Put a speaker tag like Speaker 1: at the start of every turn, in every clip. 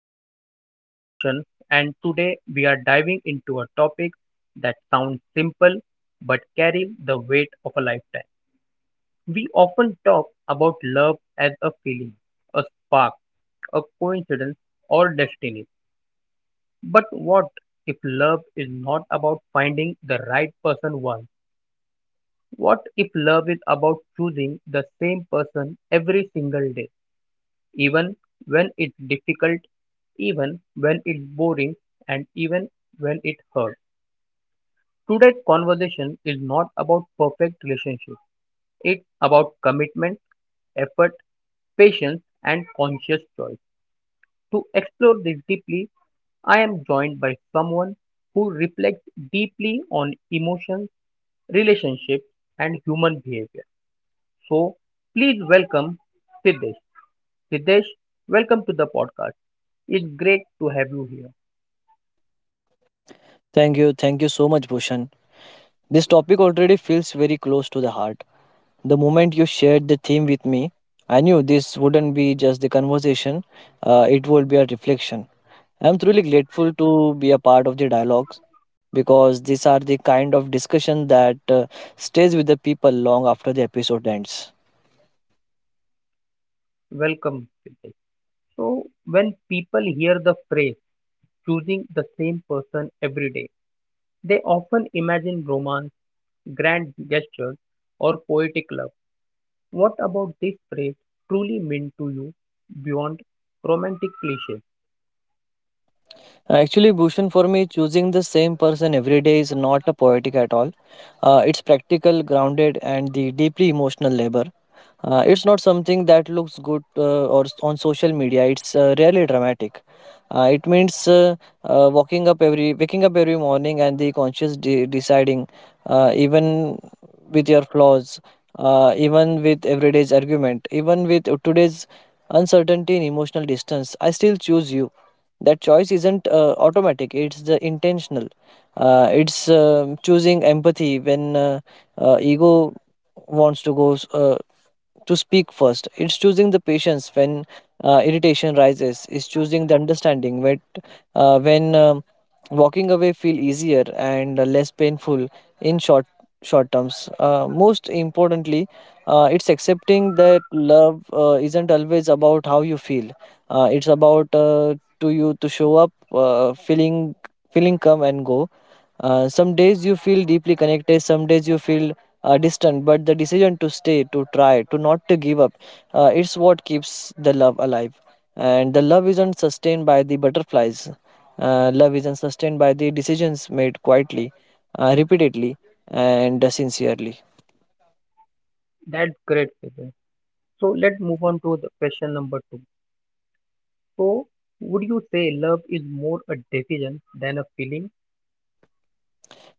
Speaker 1: I am your host Bhushan, and today we are diving into a topic that sounds simple but carry the weight of a lifetime. We often talk about love as a feeling, a spark, a coincidence, or destiny. But what if love is not about finding the right person once? What if love is about choosing the same person every single day, even when it's difficult, even when it's boring, and even when it hurts? Today's conversation is not about perfect relationships. It's about commitment, effort, patience, and conscious choice. To explore this deeply, I am joined by someone who reflects deeply on emotions, relationships, and human behavior. So, please welcome Siddesh. Siddesh, welcome to the podcast. It's great to have you here.
Speaker 2: Thank you. Thank you so much, Bhushan. This topic already feels very close to the heart. The moment you shared the theme with me, I knew this wouldn't be just the conversation, it would be a reflection. I'm truly grateful to be a part of the dialogues because these are the kind of discussion that stays with the people long after the episode ends.
Speaker 1: Welcome, Siddesh. So, when people hear the phrase choosing the same person every day, they often imagine romance, grand gestures, or poetic love. What about this phrase truly mean to you beyond romantic cliches?
Speaker 2: Actually, Bhushan, for me, choosing the same person every day is not a poetic at all. It's practical, grounded, and the deeply emotional labor. It's not something that looks good or on social media. It's really dramatic. It means waking up every morning, and the conscious deciding, even with your flaws, even with everyday's argument, even with today's uncertainty and emotional distance, I still choose you. That choice isn't automatic, it's the intentional. It's choosing empathy when ego wants to go to speak first. It's choosing the patience when irritation rises. It's choosing the understanding when uh, when um, walking away feel easier and less painful. In short short terms uh, most importantly, it's accepting that love isn't always about how you feel. It's about to you to show up. Feeling come and go. Some days you feel deeply connected, some days you feel distant, but the decision to stay, to try, to not to give up, it's what keeps the love alive. And the love isn't sustained by the butterflies. Love isn't sustained by the decisions made quietly, repeatedly, and sincerely.
Speaker 1: That's great, Siddesh. So, let's move on to the question number two. So, would you say love is more a decision than a feeling?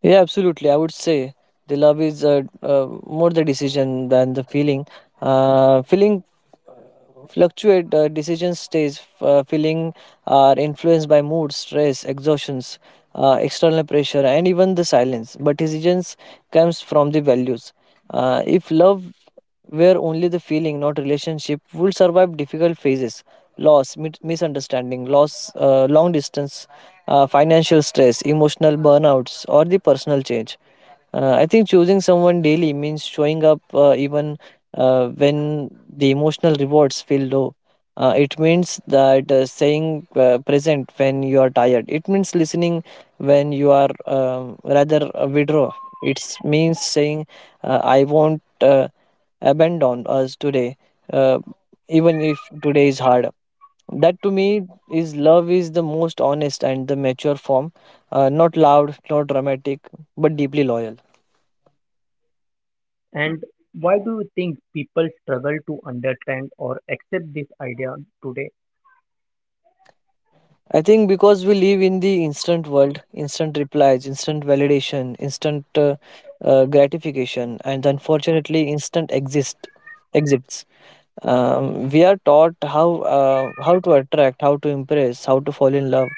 Speaker 2: Yeah, absolutely. I would say the love is more the decision than the feeling. Feeling fluctuate, decision stays, feeling are influenced by mood, stress, exhaustions, external pressure and even the silence, but decisions comes from the values. If love were only the feeling, not relationship would survive difficult phases: loss, misunderstanding, loss, long distance, financial stress, emotional burnouts or the personal change. I think choosing someone daily means showing up, even when the emotional rewards feel low. It means that staying present when you are tired. It means listening when you are rather withdraw. It means saying, I won't abandon us today, uh, even if today is hard. That to me is love is the most honest and the mature form, not loud, not dramatic, but deeply loyal.
Speaker 1: And why do you think people struggle to understand or accept this idea today?
Speaker 2: I think because we live in the instant world, instant replies, instant validation, instant gratification, and unfortunately, instant exists. We are taught how to attract, how to impress, how to fall in love,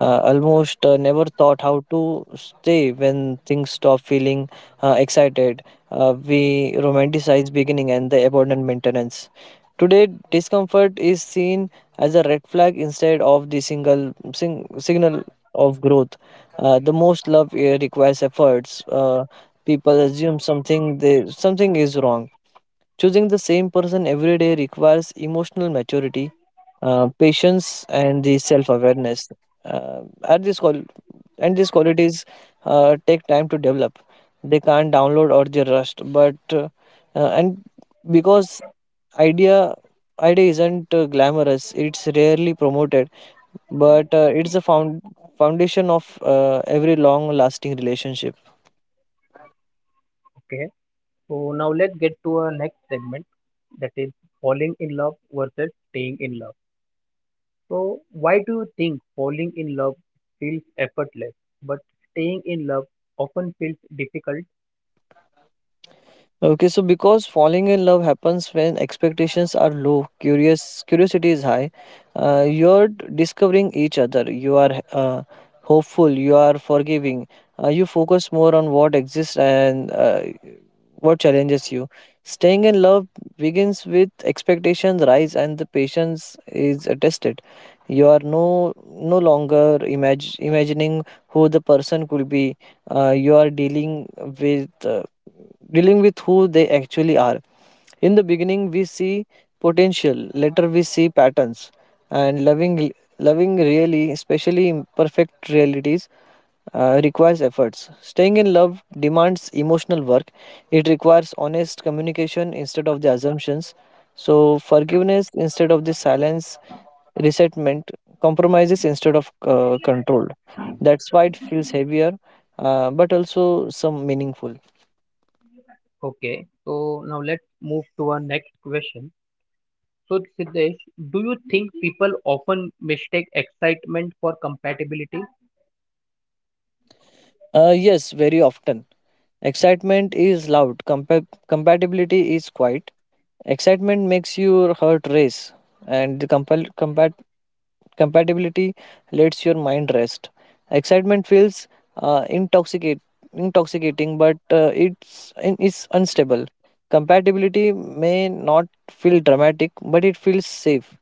Speaker 2: almost never thought how to stay when things stop feeling excited. We romanticize beginning and the abundant maintenance. Today, discomfort is seen as a red flag instead of the signal of growth. The most love requires efforts. People assume something they something is wrong. Choosing the same person every day requires emotional maturity, patience, and the self-awareness. Uh, at this call, and these qualities take time to develop. They can't download or they rust, but and because idea idea isn't glamorous, it's rarely promoted, but it's the foundation of every long-lasting relationship.
Speaker 1: Okay, so now let's get to our next segment, that is falling in love versus staying in love. So, why do you think falling in love feels effortless but staying in love often feels difficult?
Speaker 2: Okay, so because falling in love happens when expectations are low, curious curiosity is high. You're discovering each other. You are hopeful. You are forgiving. You focus more on what exists and what challenges you. Staying in love begins with expectations rise and the patience is tested. You are no longer imagining who the person could be. Uh, you are dealing with uh, dealing with who they actually are. In the beginning we see potential, later we see patterns, and loving really especially imperfect realities requires efforts. Staying in love demands emotional work, it requires honest communication instead of the assumptions, so forgiveness instead of the silence resentment, compromises instead of control. That's why it feels heavier, but also some meaningful.
Speaker 1: Okay, so now let's move to our next question. So, Siddesh, do you think people often mistake excitement for compatibility?
Speaker 2: Yes, very often. Excitement is loud, compatibility is quiet. Excitement makes your heart race, and the compatibility lets your mind rest. Excitement feels uh, intoxicate, intoxicating, but uh, it's it's unstable. Compatibility may not feel dramatic, but it feels safe.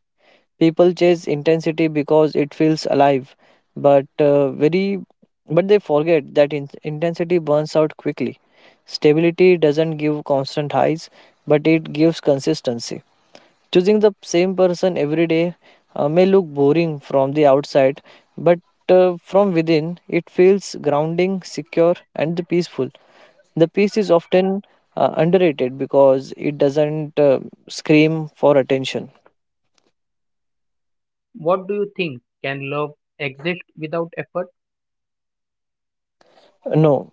Speaker 2: People chase intensity because it feels alive, but very but they forget that intensity burns out quickly. Stability doesn't give constant highs, but it gives consistency. Choosing the same person every day may look boring from the outside, but from within it feels grounding, secure, and peaceful. The peace is often underrated because it doesn't scream for attention.
Speaker 1: What do you think? Can love exist without effort?
Speaker 2: No.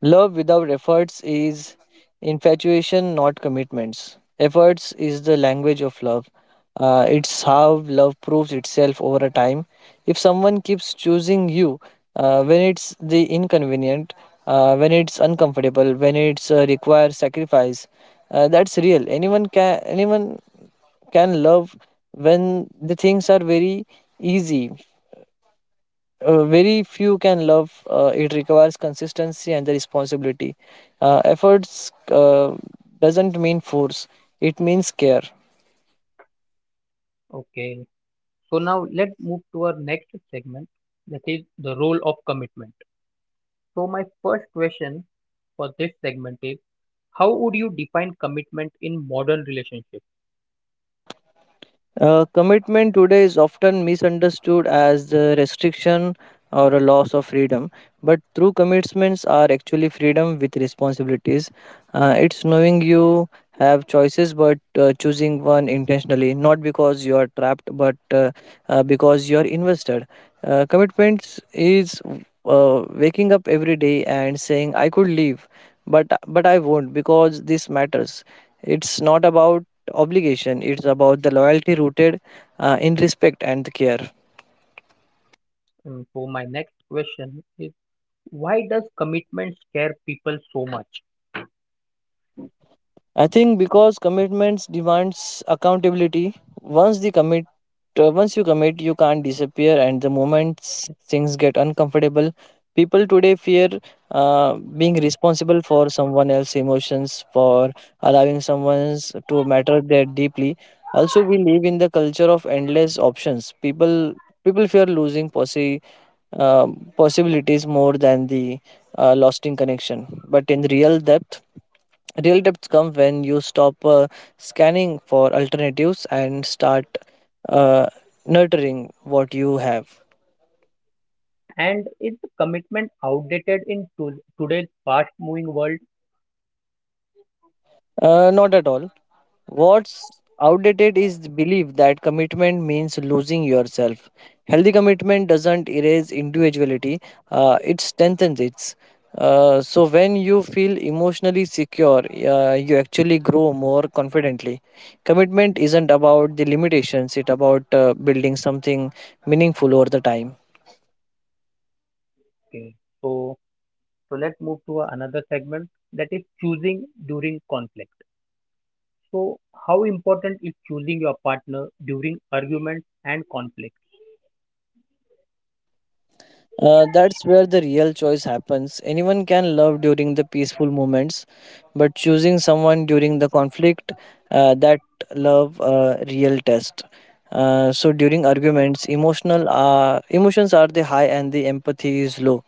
Speaker 2: Love without efforts is infatuation, not commitments. Efforts is the language of love. It's how love proves itself over a time. If someone keeps choosing you when it's the inconvenient, when it's uncomfortable, when it's requires sacrifice, that's real. Anyone can love when the things are very easy. Very few can love. It requires consistency and the responsibility. Efforts doesn't mean force; it means care.
Speaker 1: Okay. So now let's move to our next segment, that is the role of commitment. So my first question for this segment is, how would you define commitment in modern relationships?
Speaker 2: Commitment today is often misunderstood as a restriction or a loss of freedom, but true commitments are actually freedom with responsibilities. It's knowing you have choices, but choosing one intentionally, not because you are trapped, but because you are invested. Commitments is waking up every day and saying, "I could leave, but I won't because this matters." It's not about obligation, it's about the loyalty rooted in respect and care.
Speaker 1: And so my next question is, why does commitment scare people so much?
Speaker 2: I think because commitments demands accountability. once the commit Once you commit you can't disappear, and the moment things get uncomfortable, people today fear uh, being responsible for someone else's emotions, for allowing someone to matter there deeply. Also we live in the culture of endless options. People fear losing possibilities more than the lasting connection. But in real depth comes when you stop scanning for alternatives and start uh, nurturing what you have.
Speaker 1: And is the commitment outdated in today's fast moving world?
Speaker 2: Not at all. What's outdated is the belief that commitment means losing yourself. Healthy commitment doesn't erase individuality, it strengthens it. So, when you feel emotionally secure, you actually grow more confidently. Commitment isn't about the limitations, it's about building something meaningful over the time.
Speaker 1: Okay. So so, let's move to another segment, that is choosing during conflict. So, how important is choosing your partner during arguments and conflicts?
Speaker 2: That's where the real choice happens. Anyone can love during the peaceful moments, but choosing someone during the conflict, that love real test. So during arguments, emotional emotions are the high and the empathy is low.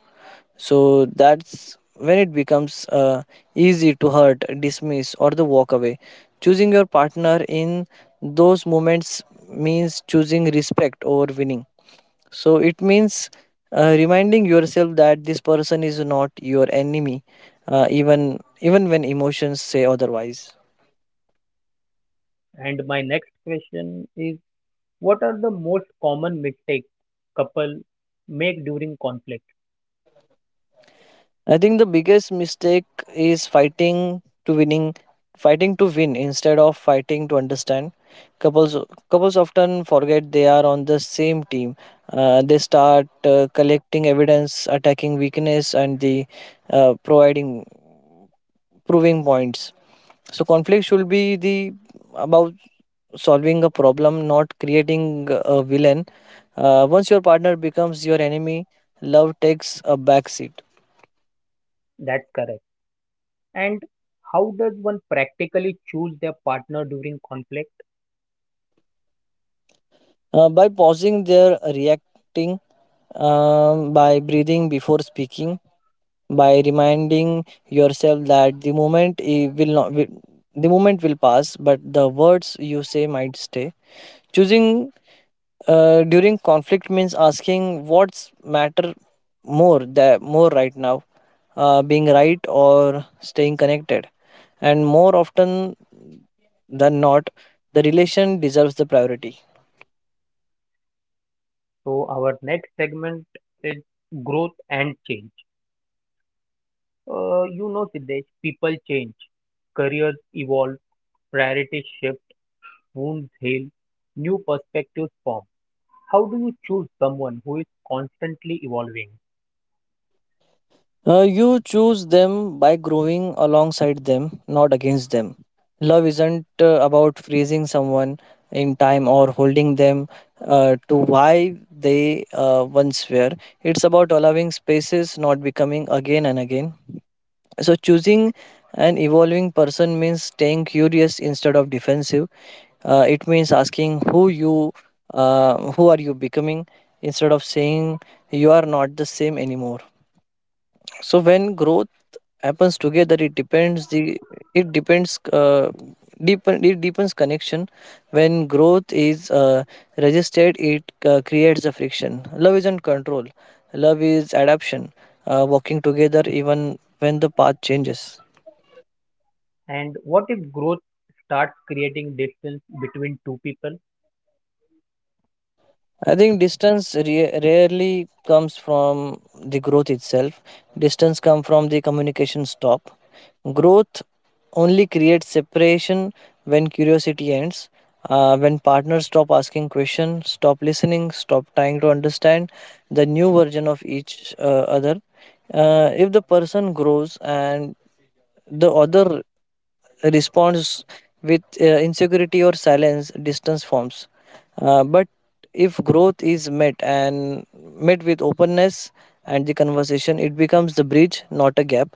Speaker 2: So that's when it becomes easy to hurt, dismiss, or the walk away. Choosing your partner in those moments means choosing respect over winning. So it means reminding yourself that this person is not your enemy, even when emotions say otherwise.
Speaker 1: And my next question is, what are the most common mistakes couple make during conflict?
Speaker 2: I think the biggest mistake is fighting to win instead of fighting to understand. Couples couples often forget they are on the same team. They start collecting evidence, attacking weakness, and the providing proving points. So conflict should be the about solving a problem, not creating a villain. Once your partner becomes your enemy, love takes a backseat.
Speaker 1: That's correct. And how does one practically choose their partner during conflict?
Speaker 2: By pausing their reacting, by breathing before speaking, by reminding yourself that the moment it will not, will, the moment will pass, but the words you say might stay. Choosing During conflict means asking what's matter more that more right now, being right or staying connected, and more often than not, the relation deserves the priority.
Speaker 1: So, our next segment is growth and change. Siddesh, people change, careers evolve, priorities shift, wounds heal, new perspectives form. How do you choose someone who is constantly evolving?
Speaker 2: You choose them by growing alongside them, not against them. Love isn't about freezing someone in time or holding them to why they once were. It's about allowing spaces, not becoming again and again. So, choosing an evolving person means staying curious instead of defensive. It means asking who are you becoming, instead of saying you are not the same anymore. So, when growth happens together, it depends the it depends deepen it deepens connection. When growth is resisted, it creates a friction. Love isn't control. Love is adaptation. Walking together even when the path changes.
Speaker 1: And what if growth starts creating distance between two people?
Speaker 2: I think distance rarely comes from the growth itself. Distance comes from the communication stop. Growth only creates separation when curiosity ends, when partners stop asking questions, stop listening, stop trying to understand the new version of each other. If the person grows and the other responds with insecurity or silence, distance forms. But if growth is met and met with openness and the conversation, it becomes the bridge, not a gap.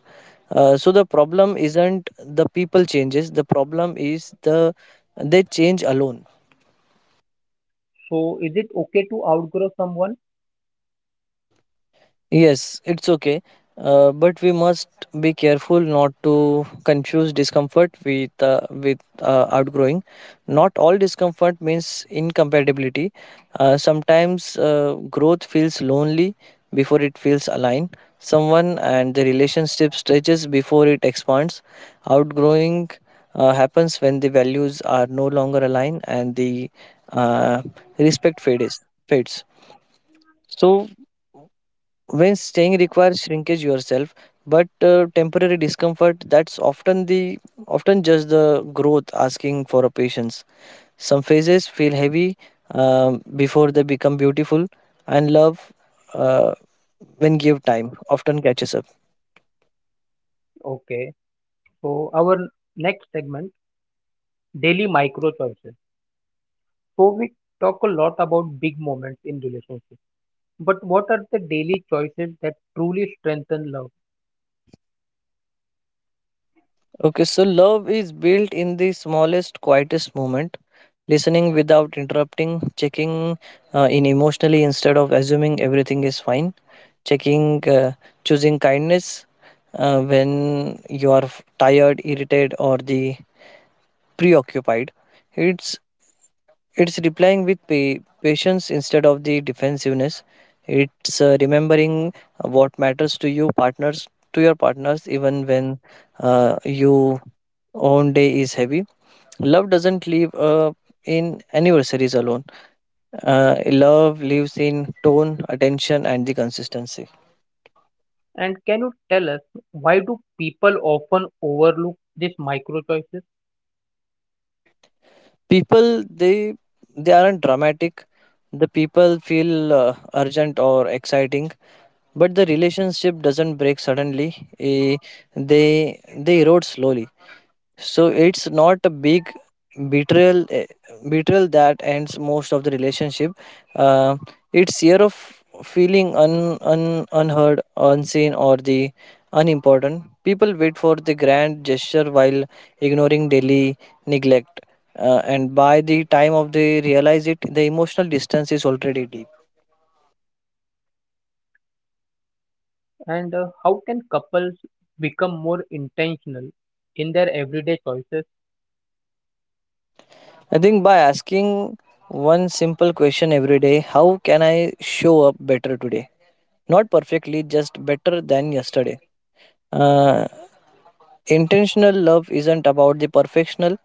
Speaker 2: So the problem isn't the people changes, the problem is the they change alone.
Speaker 1: So, is it okay to outgrow someone?
Speaker 2: Yes, it's okay. But we must be careful not to confuse discomfort with outgrowing. Not all discomfort means incompatibility. Sometimes growth feels lonely before it feels aligned. Someone and the relationship stretches before it expands. Outgrowing happens when the values are no longer aligned and the uh, respect fades. When staying requires shrinkage yourself, but temporary discomfort, that's often just the growth asking for a patience. Some phases feel heavy before they become beautiful, and love, uh, when give time, often catches up.
Speaker 1: Okay. So, our next segment, daily micro choices. So, we talk a lot about big moments in relationships, but what are the daily choices that truly strengthen love?
Speaker 2: Okay, so love is built in the smallest, quietest moment. Listening without interrupting, checking in emotionally instead of assuming everything is fine, checking choosing kindness when you are tired, irritated, or the preoccupied, it's it's replying with patience instead of the defensiveness, it's remembering what matters to you partners to your partners even when your own day is heavy. Love doesn't live in anniversaries alone, love lives in tone, attention, and the consistency.
Speaker 1: And can you tell us, why do people often overlook these micro choices?
Speaker 2: People, they they aren't dramatic, the people feel urgent or exciting, but the relationship doesn't break suddenly. Eh, they they erode slowly, so it's not a big betrayal, betrayal that ends most of the relationship. Uh, it's year of feeling un, un unheard, unseen, or the unimportant. People wait for the grand gesture while ignoring daily neglect. And by the time of they realize it, the emotional distance is already deep.
Speaker 1: And how can couples become more intentional in their everyday choices?
Speaker 2: I think by asking one simple question every day: how can I show up better today? Not perfectly, just better than yesterday. Uh, intentional love isn't about the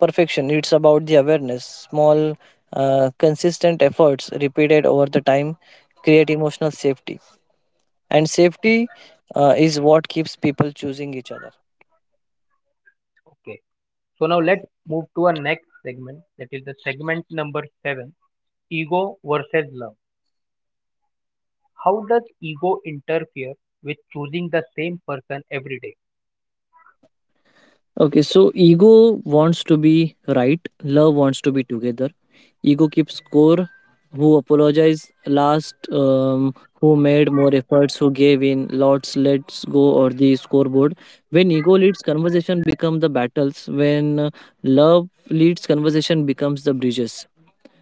Speaker 2: perfection, it's about the awareness. Small consistent efforts repeated over the time create emotional safety, and safety is what keeps people choosing each other.
Speaker 1: Okay. So now let's move to our next segment. That is the segment number seven: ego versus love. How does ego interfere with choosing the same person every day?
Speaker 2: Okay, so ego wants to be right, love wants to be together. Ego keeps score. Who apologized last? Who made more efforts? Who gave in? Lots, let's go, or the scoreboard. When ego leads, conversation become the battles. When love leads, conversation becomes the bridges.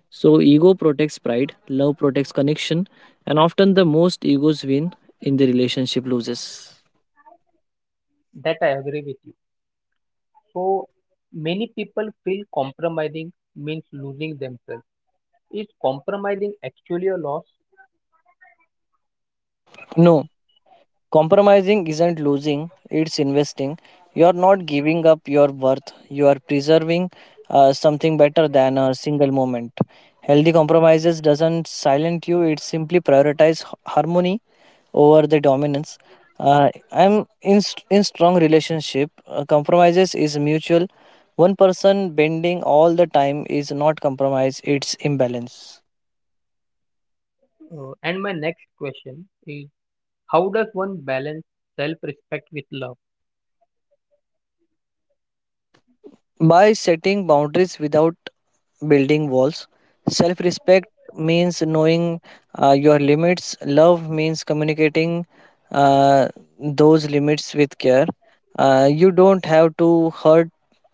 Speaker 2: So ego protects pride, love protects connection, and often the most egos win in the relationship loses.
Speaker 1: That I agree with you. So, many people feel compromising means losing themselves. Is compromising actually a loss?
Speaker 2: No, compromising isn't losing, it's investing. You're not giving up your worth, you are preserving something better than a single moment. Healthy compromises doesn't silent you, it simply prioritizes harmony over the dominance. I'm in strong relationship. Compromises is mutual. One person bending all the time is not compromise, it's imbalance.
Speaker 1: And my next question is: how does one balance self-respect with love?
Speaker 2: By setting boundaries without building walls. Self respect means knowing your limits. Love means communicating uh, those limits with care. You don't have to hurt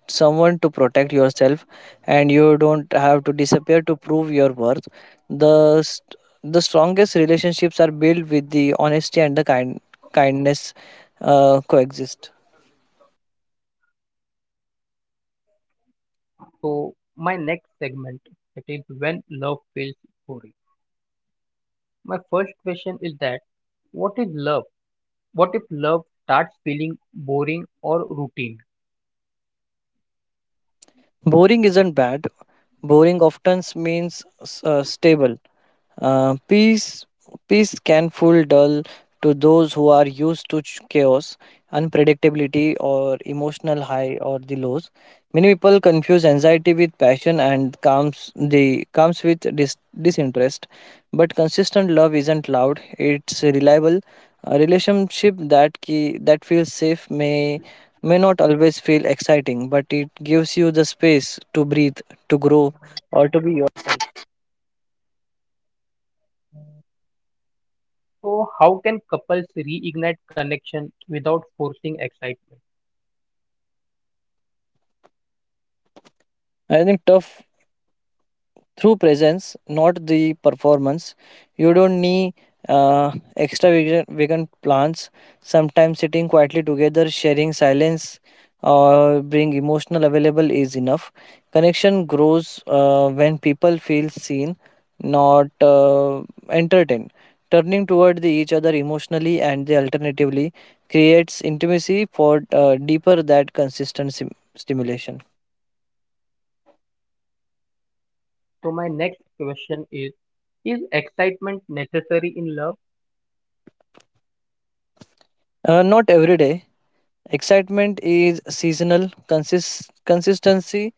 Speaker 2: someone to protect yourself, and you don't have to disappear to prove your worth. The st- the strongest relationships are built with the honesty and the kindness coexist.
Speaker 1: To my next segment, that is when love feels boring. My first question is that what is love? What if love starts feeling boring or routine?
Speaker 2: Boring isn't bad. Boring often means stable. Peace, peace can feel dull to those who are used to chaos, unpredictability, or emotional high or the lows. Many people confuse anxiety with passion and comes with disinterest. But consistent love isn't loud; it's reliable. A relationship that feels safe may not always feel exciting, but it gives you the space to breathe, to grow.
Speaker 1: So how can couples reignite connection without forcing excitement?
Speaker 2: I think tough through presence, not the performance. You don't need extravagant plans. Sometimes sitting quietly together, sharing silence, or being emotional available is enough. Connection grows when people feel seen, not entertained. Turning toward the each other emotionally and the alternatively creates intimacy for deeper that consistent stimulation.
Speaker 1: So my next question is excitement necessary in love?
Speaker 2: Not every day. Excitement is seasonal, consistency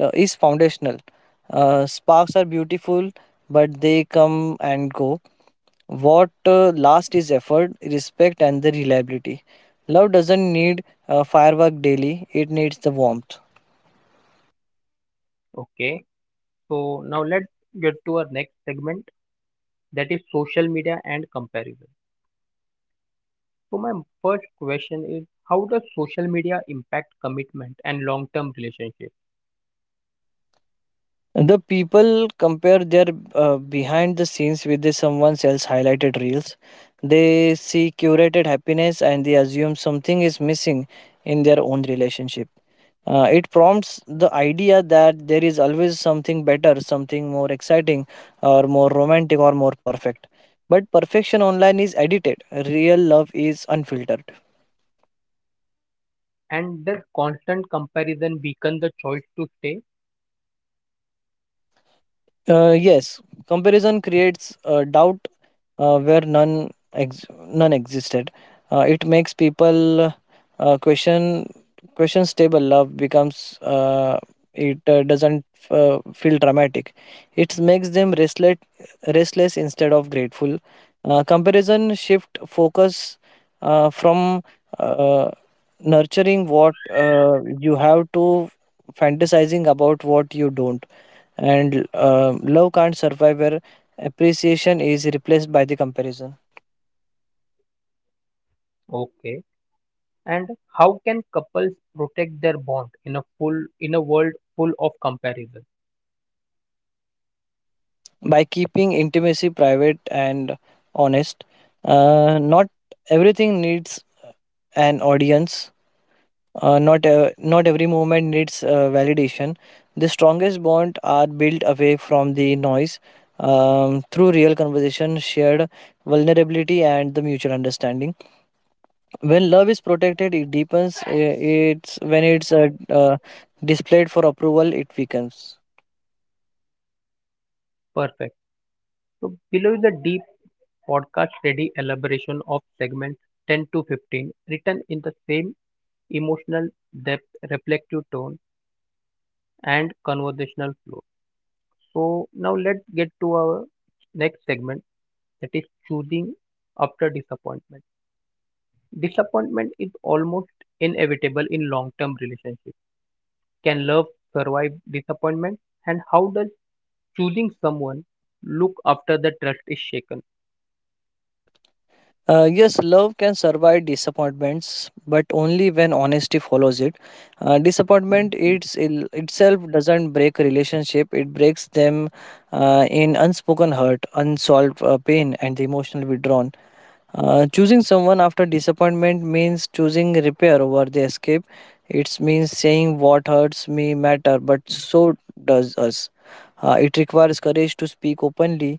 Speaker 2: is foundational. Sparks are beautiful, but they come and go. What lasts is effort, respect, and the reliability. Love doesn't need a firework daily, it needs the warmth.
Speaker 1: Okay. So now let's get to our next segment, that is social media and comparison. So my first question is, how does social media impact commitment and long-term relationships?
Speaker 2: The people compare their behind the scenes with the someone else highlighted reels. They see curated happiness and they assume something is missing in their own relationship. It prompts the idea that there is always something better, something more exciting, or more romantic, or more perfect. But perfection online is edited, real love is unfiltered.
Speaker 1: And does constant comparison weaken the choice to stay?
Speaker 2: Yes, comparison creates doubt where none existed. It makes people question. Stable love becomes it doesn't feel dramatic. It makes them restless instead of grateful. Comparison shift focus from uh, nurturing what you have to fantasizing about what you don't, and love can't survive where appreciation is replaced by the comparison.
Speaker 1: Okay. And how can couples protect their bond in a world full of comparison?
Speaker 2: By keeping intimacy private and honest, not everything needs an audience, not every moment needs validation. The strongest bond are built away from the noise, through real conversation, shared vulnerability, and the mutual understanding. When love is protected it deepens, it's when it's displayed for approval it weakens.
Speaker 1: Perfect. So below is a deep podcast ready elaboration of segments 10 to 15, written in the same emotional depth, reflective tone, and conversational flow. So now let's get to our next segment, that is choosing after disappointment. Disappointment is almost inevitable in long term relationships. Can love survive disappointment? And how does choosing someone look after the trust is shaken?
Speaker 2: Uh, yes, love can survive disappointments, but only when honesty follows it. Uh, disappointment itself doesn't break a relationship, it breaks them in unspoken hurt, unsolved pain, and the emotional withdrawn. Choosing someone after disappointment means choosing repair over the escape. It means saying what hurts me matter, but so does us. It requires courage to speak openly,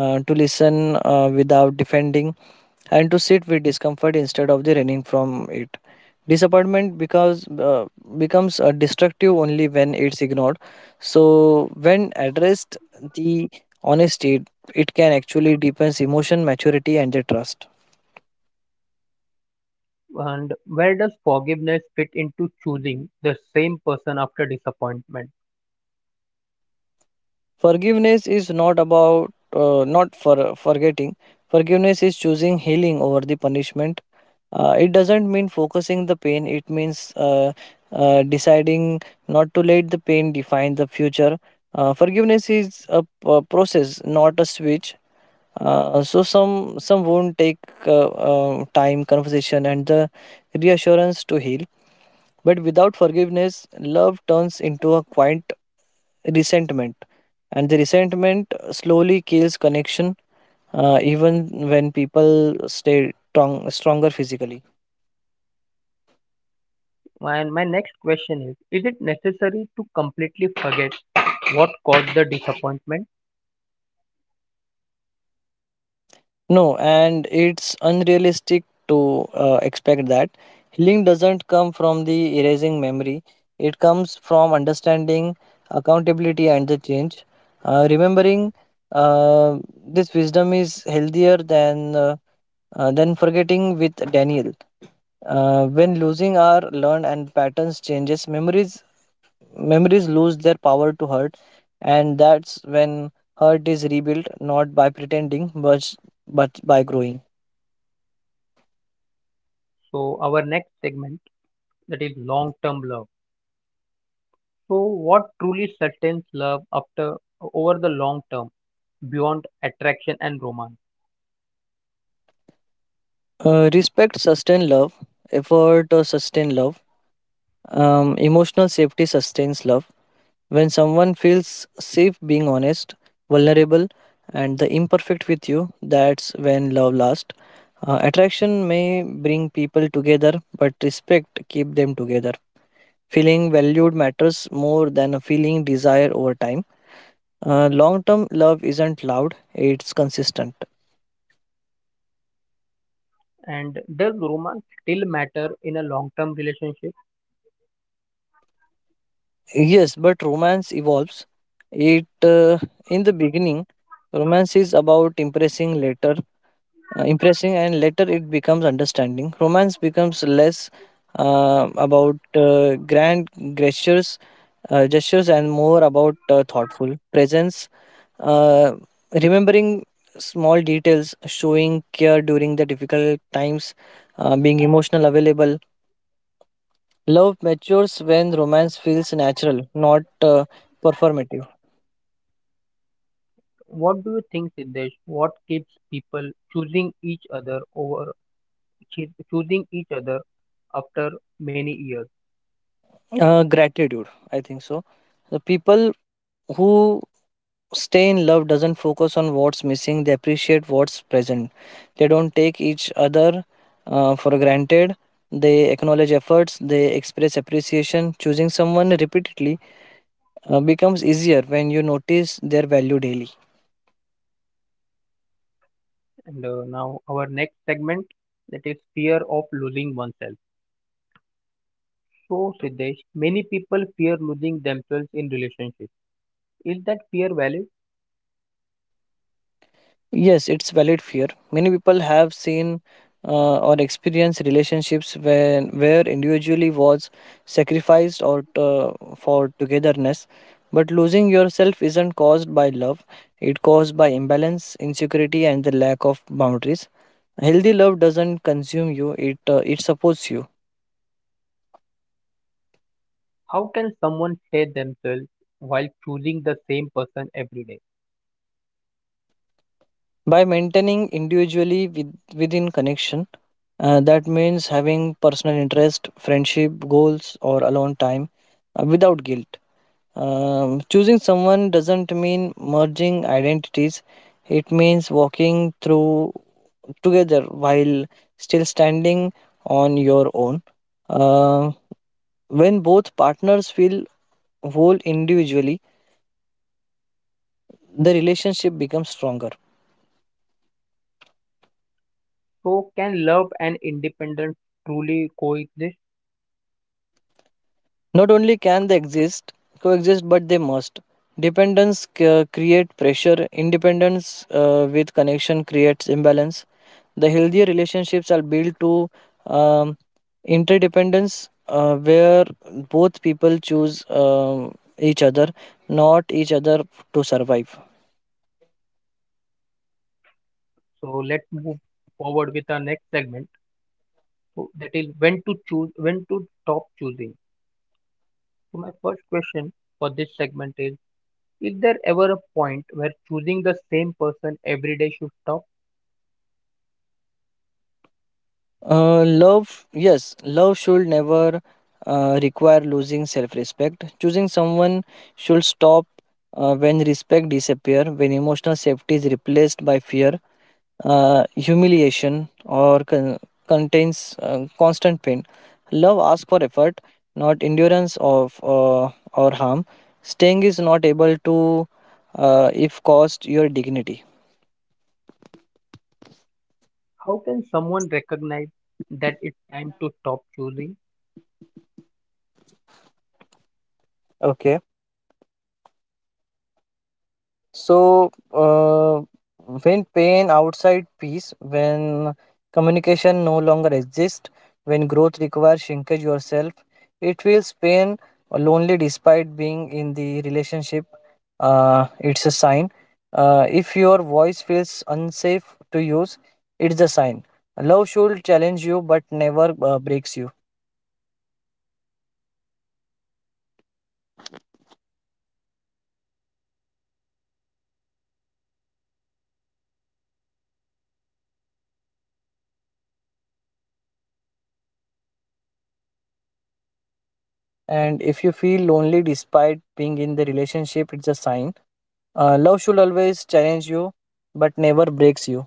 Speaker 2: to listen without defending, and to sit with discomfort instead of the running from it. Disappointment because becomes destructive only when it's ignored. So when addressed, the honesty it, it can actually deepens emotion maturity and the trust.
Speaker 1: And where does forgiveness fit into choosing the same person after disappointment?
Speaker 2: Forgiveness is not about not for forgetting. Forgiveness is choosing healing over the punishment. It doesn't mean focusing the pain. It means deciding not to let the pain define the future. Forgiveness is a process, not a switch. So some won't take time, conversation, and the reassurance to heal. But without forgiveness, love turns into a quiet resentment, and the resentment slowly kills connection, even when people stay strong, stronger physically.
Speaker 1: And my next question is it necessary to completely forget what caused the disappointment?
Speaker 2: No, and it's unrealistic to expect that. Healing doesn't come from the erasing memory, it comes from understanding, accountability, and the change. Uh, remembering uh, this wisdom is healthier than forgetting with daniel. Uh, when losing are learned and patterns changes, memories memories lose their power to hurt, and that's when hurt is rebuilt, not by pretending, but by growing.
Speaker 1: So, our next segment, that is long term love. So, what truly sustains love after, over the long term, beyond attraction and romance?
Speaker 2: Uh, respect sustain love, effort sustain love, emotional safety sustains love. When someone feels safe being honest, vulnerable, and the imperfect with you, that's when love lasts. Uh, attraction may bring people together, but respect keep them together. Feeling valued matters more than a feeling desire over time. Long term love isn't loud, it's consistent.
Speaker 1: And does romance still matter in a long-term relationship?
Speaker 2: Yes, but romance evolves. It In the beginning, romance is about impressing, and later it becomes understanding. Romance becomes less about grand gestures, gestures, and more about thoughtful presence, uh, remembering small details, showing care during the difficult times, being emotional available. Love matures when romance feels natural, not performative.
Speaker 1: What do you think, Siddesh? What keeps people choosing each other over choosing each other after many years?
Speaker 2: Gratitude, I think so. The people who stay in love doesn't focus on what's missing. They appreciate what's present. They don't take each other for granted. They acknowledge efforts. They express appreciation. Choosing someone repeatedly becomes easier when you notice their value daily.
Speaker 1: And now our next segment, that is fear of losing oneself. So, Siddesh, many people fear losing themselves in relationships. Is that fear valid?
Speaker 2: Yes, it's valid fear. Many people have seen or experienced relationships when where individually was sacrificed for togetherness. But losing yourself isn't caused by love; it caused by imbalance, insecurity, and the lack of boundaries. Healthy love doesn't consume you; it supports you.
Speaker 1: How can someone hate themselves while choosing the same person every day?
Speaker 2: By maintaining individually within connection, that means having personal interest, friendship, goals, or alone time without guilt. Choosing someone doesn't mean merging identities. It means walking through together while still standing on your own. Uh, when both partners feel whole individually, the relationship becomes stronger.
Speaker 1: So, can love and independence truly coexist?
Speaker 2: Not only can they coexist, but they must. Dependence create pressure. Independence with connection creates imbalance. The healthier relationships are built to um, interdependence, where both people choose each other, not each other to survive.
Speaker 1: So, let's move forward with our next segment. So, that is when to choose, when to stop choosing. So, my first question for this segment is there ever a point where choosing the same person every day should stop?
Speaker 2: Love, yes, love should never require losing self-respect. Choosing someone should stop when respect disappears, when emotional safety is replaced by fear, humiliation, or con- contains constant pain. Love asks for effort, not endurance of or harm. Staying is not able to if cost your dignity.
Speaker 1: How can someone recognize that it's time to stop choosing?
Speaker 2: Okay. So, when pain outside peace, when communication no longer exists, when growth requires shrinkage yourself, it feels pain lonely despite being in the relationship. It's a sign. If your voice feels unsafe to use, it's a sign. Love should challenge you but never breaks you. And if you feel lonely despite being in the relationship, it's a sign. Love should always challenge you, but never breaks you.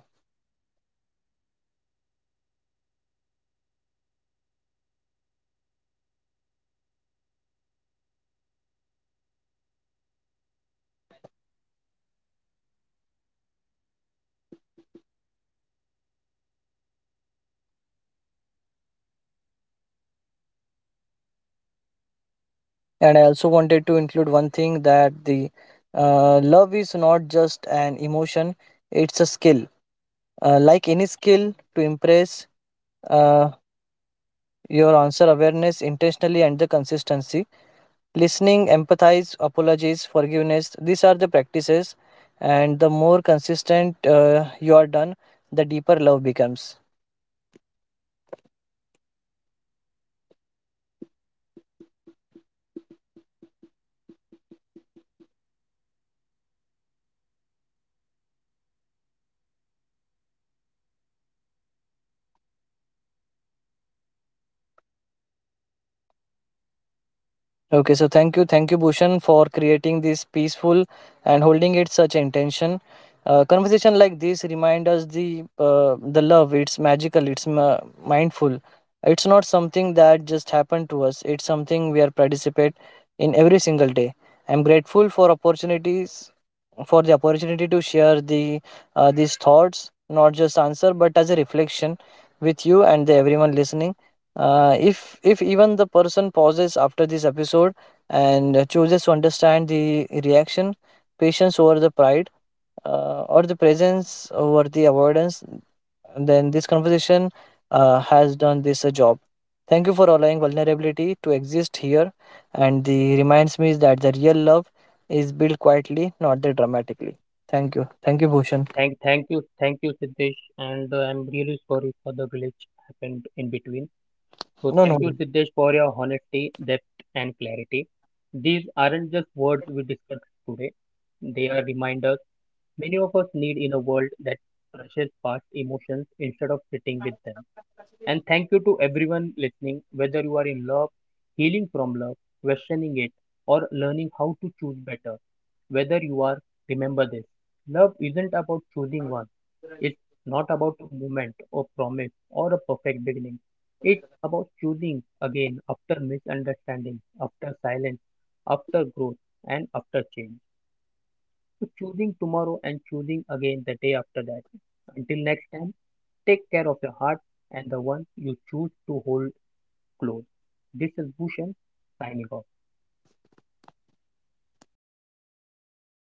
Speaker 2: And I also wanted to include one thing that the love is not just an emotion; it's a skill. Like any skill, to impress uh, your answer awareness intentionally and the consistency, listening, empathize, apologies, forgiveness. These are the practices, and the more consistent you are done, the deeper love becomes. Okay, so thank you, Bhushan, for creating this peaceful and holding it such intention. Conversation like this remind us the love. It's magical. It's mindful. It's not something that just happened to us. It's something we are participate in every single day. I'm grateful for the opportunity to share the these thoughts, not just answer, but as a reflection with you and the everyone listening. If even the person pauses after this episode and chooses to understand the reaction, patience over the pride, or the presence over the avoidance, then this conversation has done this a job. Thank you for allowing vulnerability to exist here, and the reminds me that the real love is built quietly, not the dramatically. Thank you, Bhushan.
Speaker 1: Thank you, Siddesh, and I'm really sorry for the glitch happened in between. So
Speaker 2: No,
Speaker 1: thank
Speaker 2: no.
Speaker 1: you, Siddesh, for your honesty, depth, and clarity. These aren't just words we discussed today; they are reminders many of us need in a world that rushes past emotions instead of sitting with them. And thank you to everyone listening, whether you are in love, healing from love, questioning it, or learning how to choose better. Whether you are, remember this: love isn't about choosing one, it's not about a moment or promise or a perfect beginning. It's about choosing again after misunderstanding, after silence, after growth, and after change. So choosing tomorrow, and choosing again the day after that. Until next time, take care of your heart and the one you choose to hold close. This is Bhushan signing off.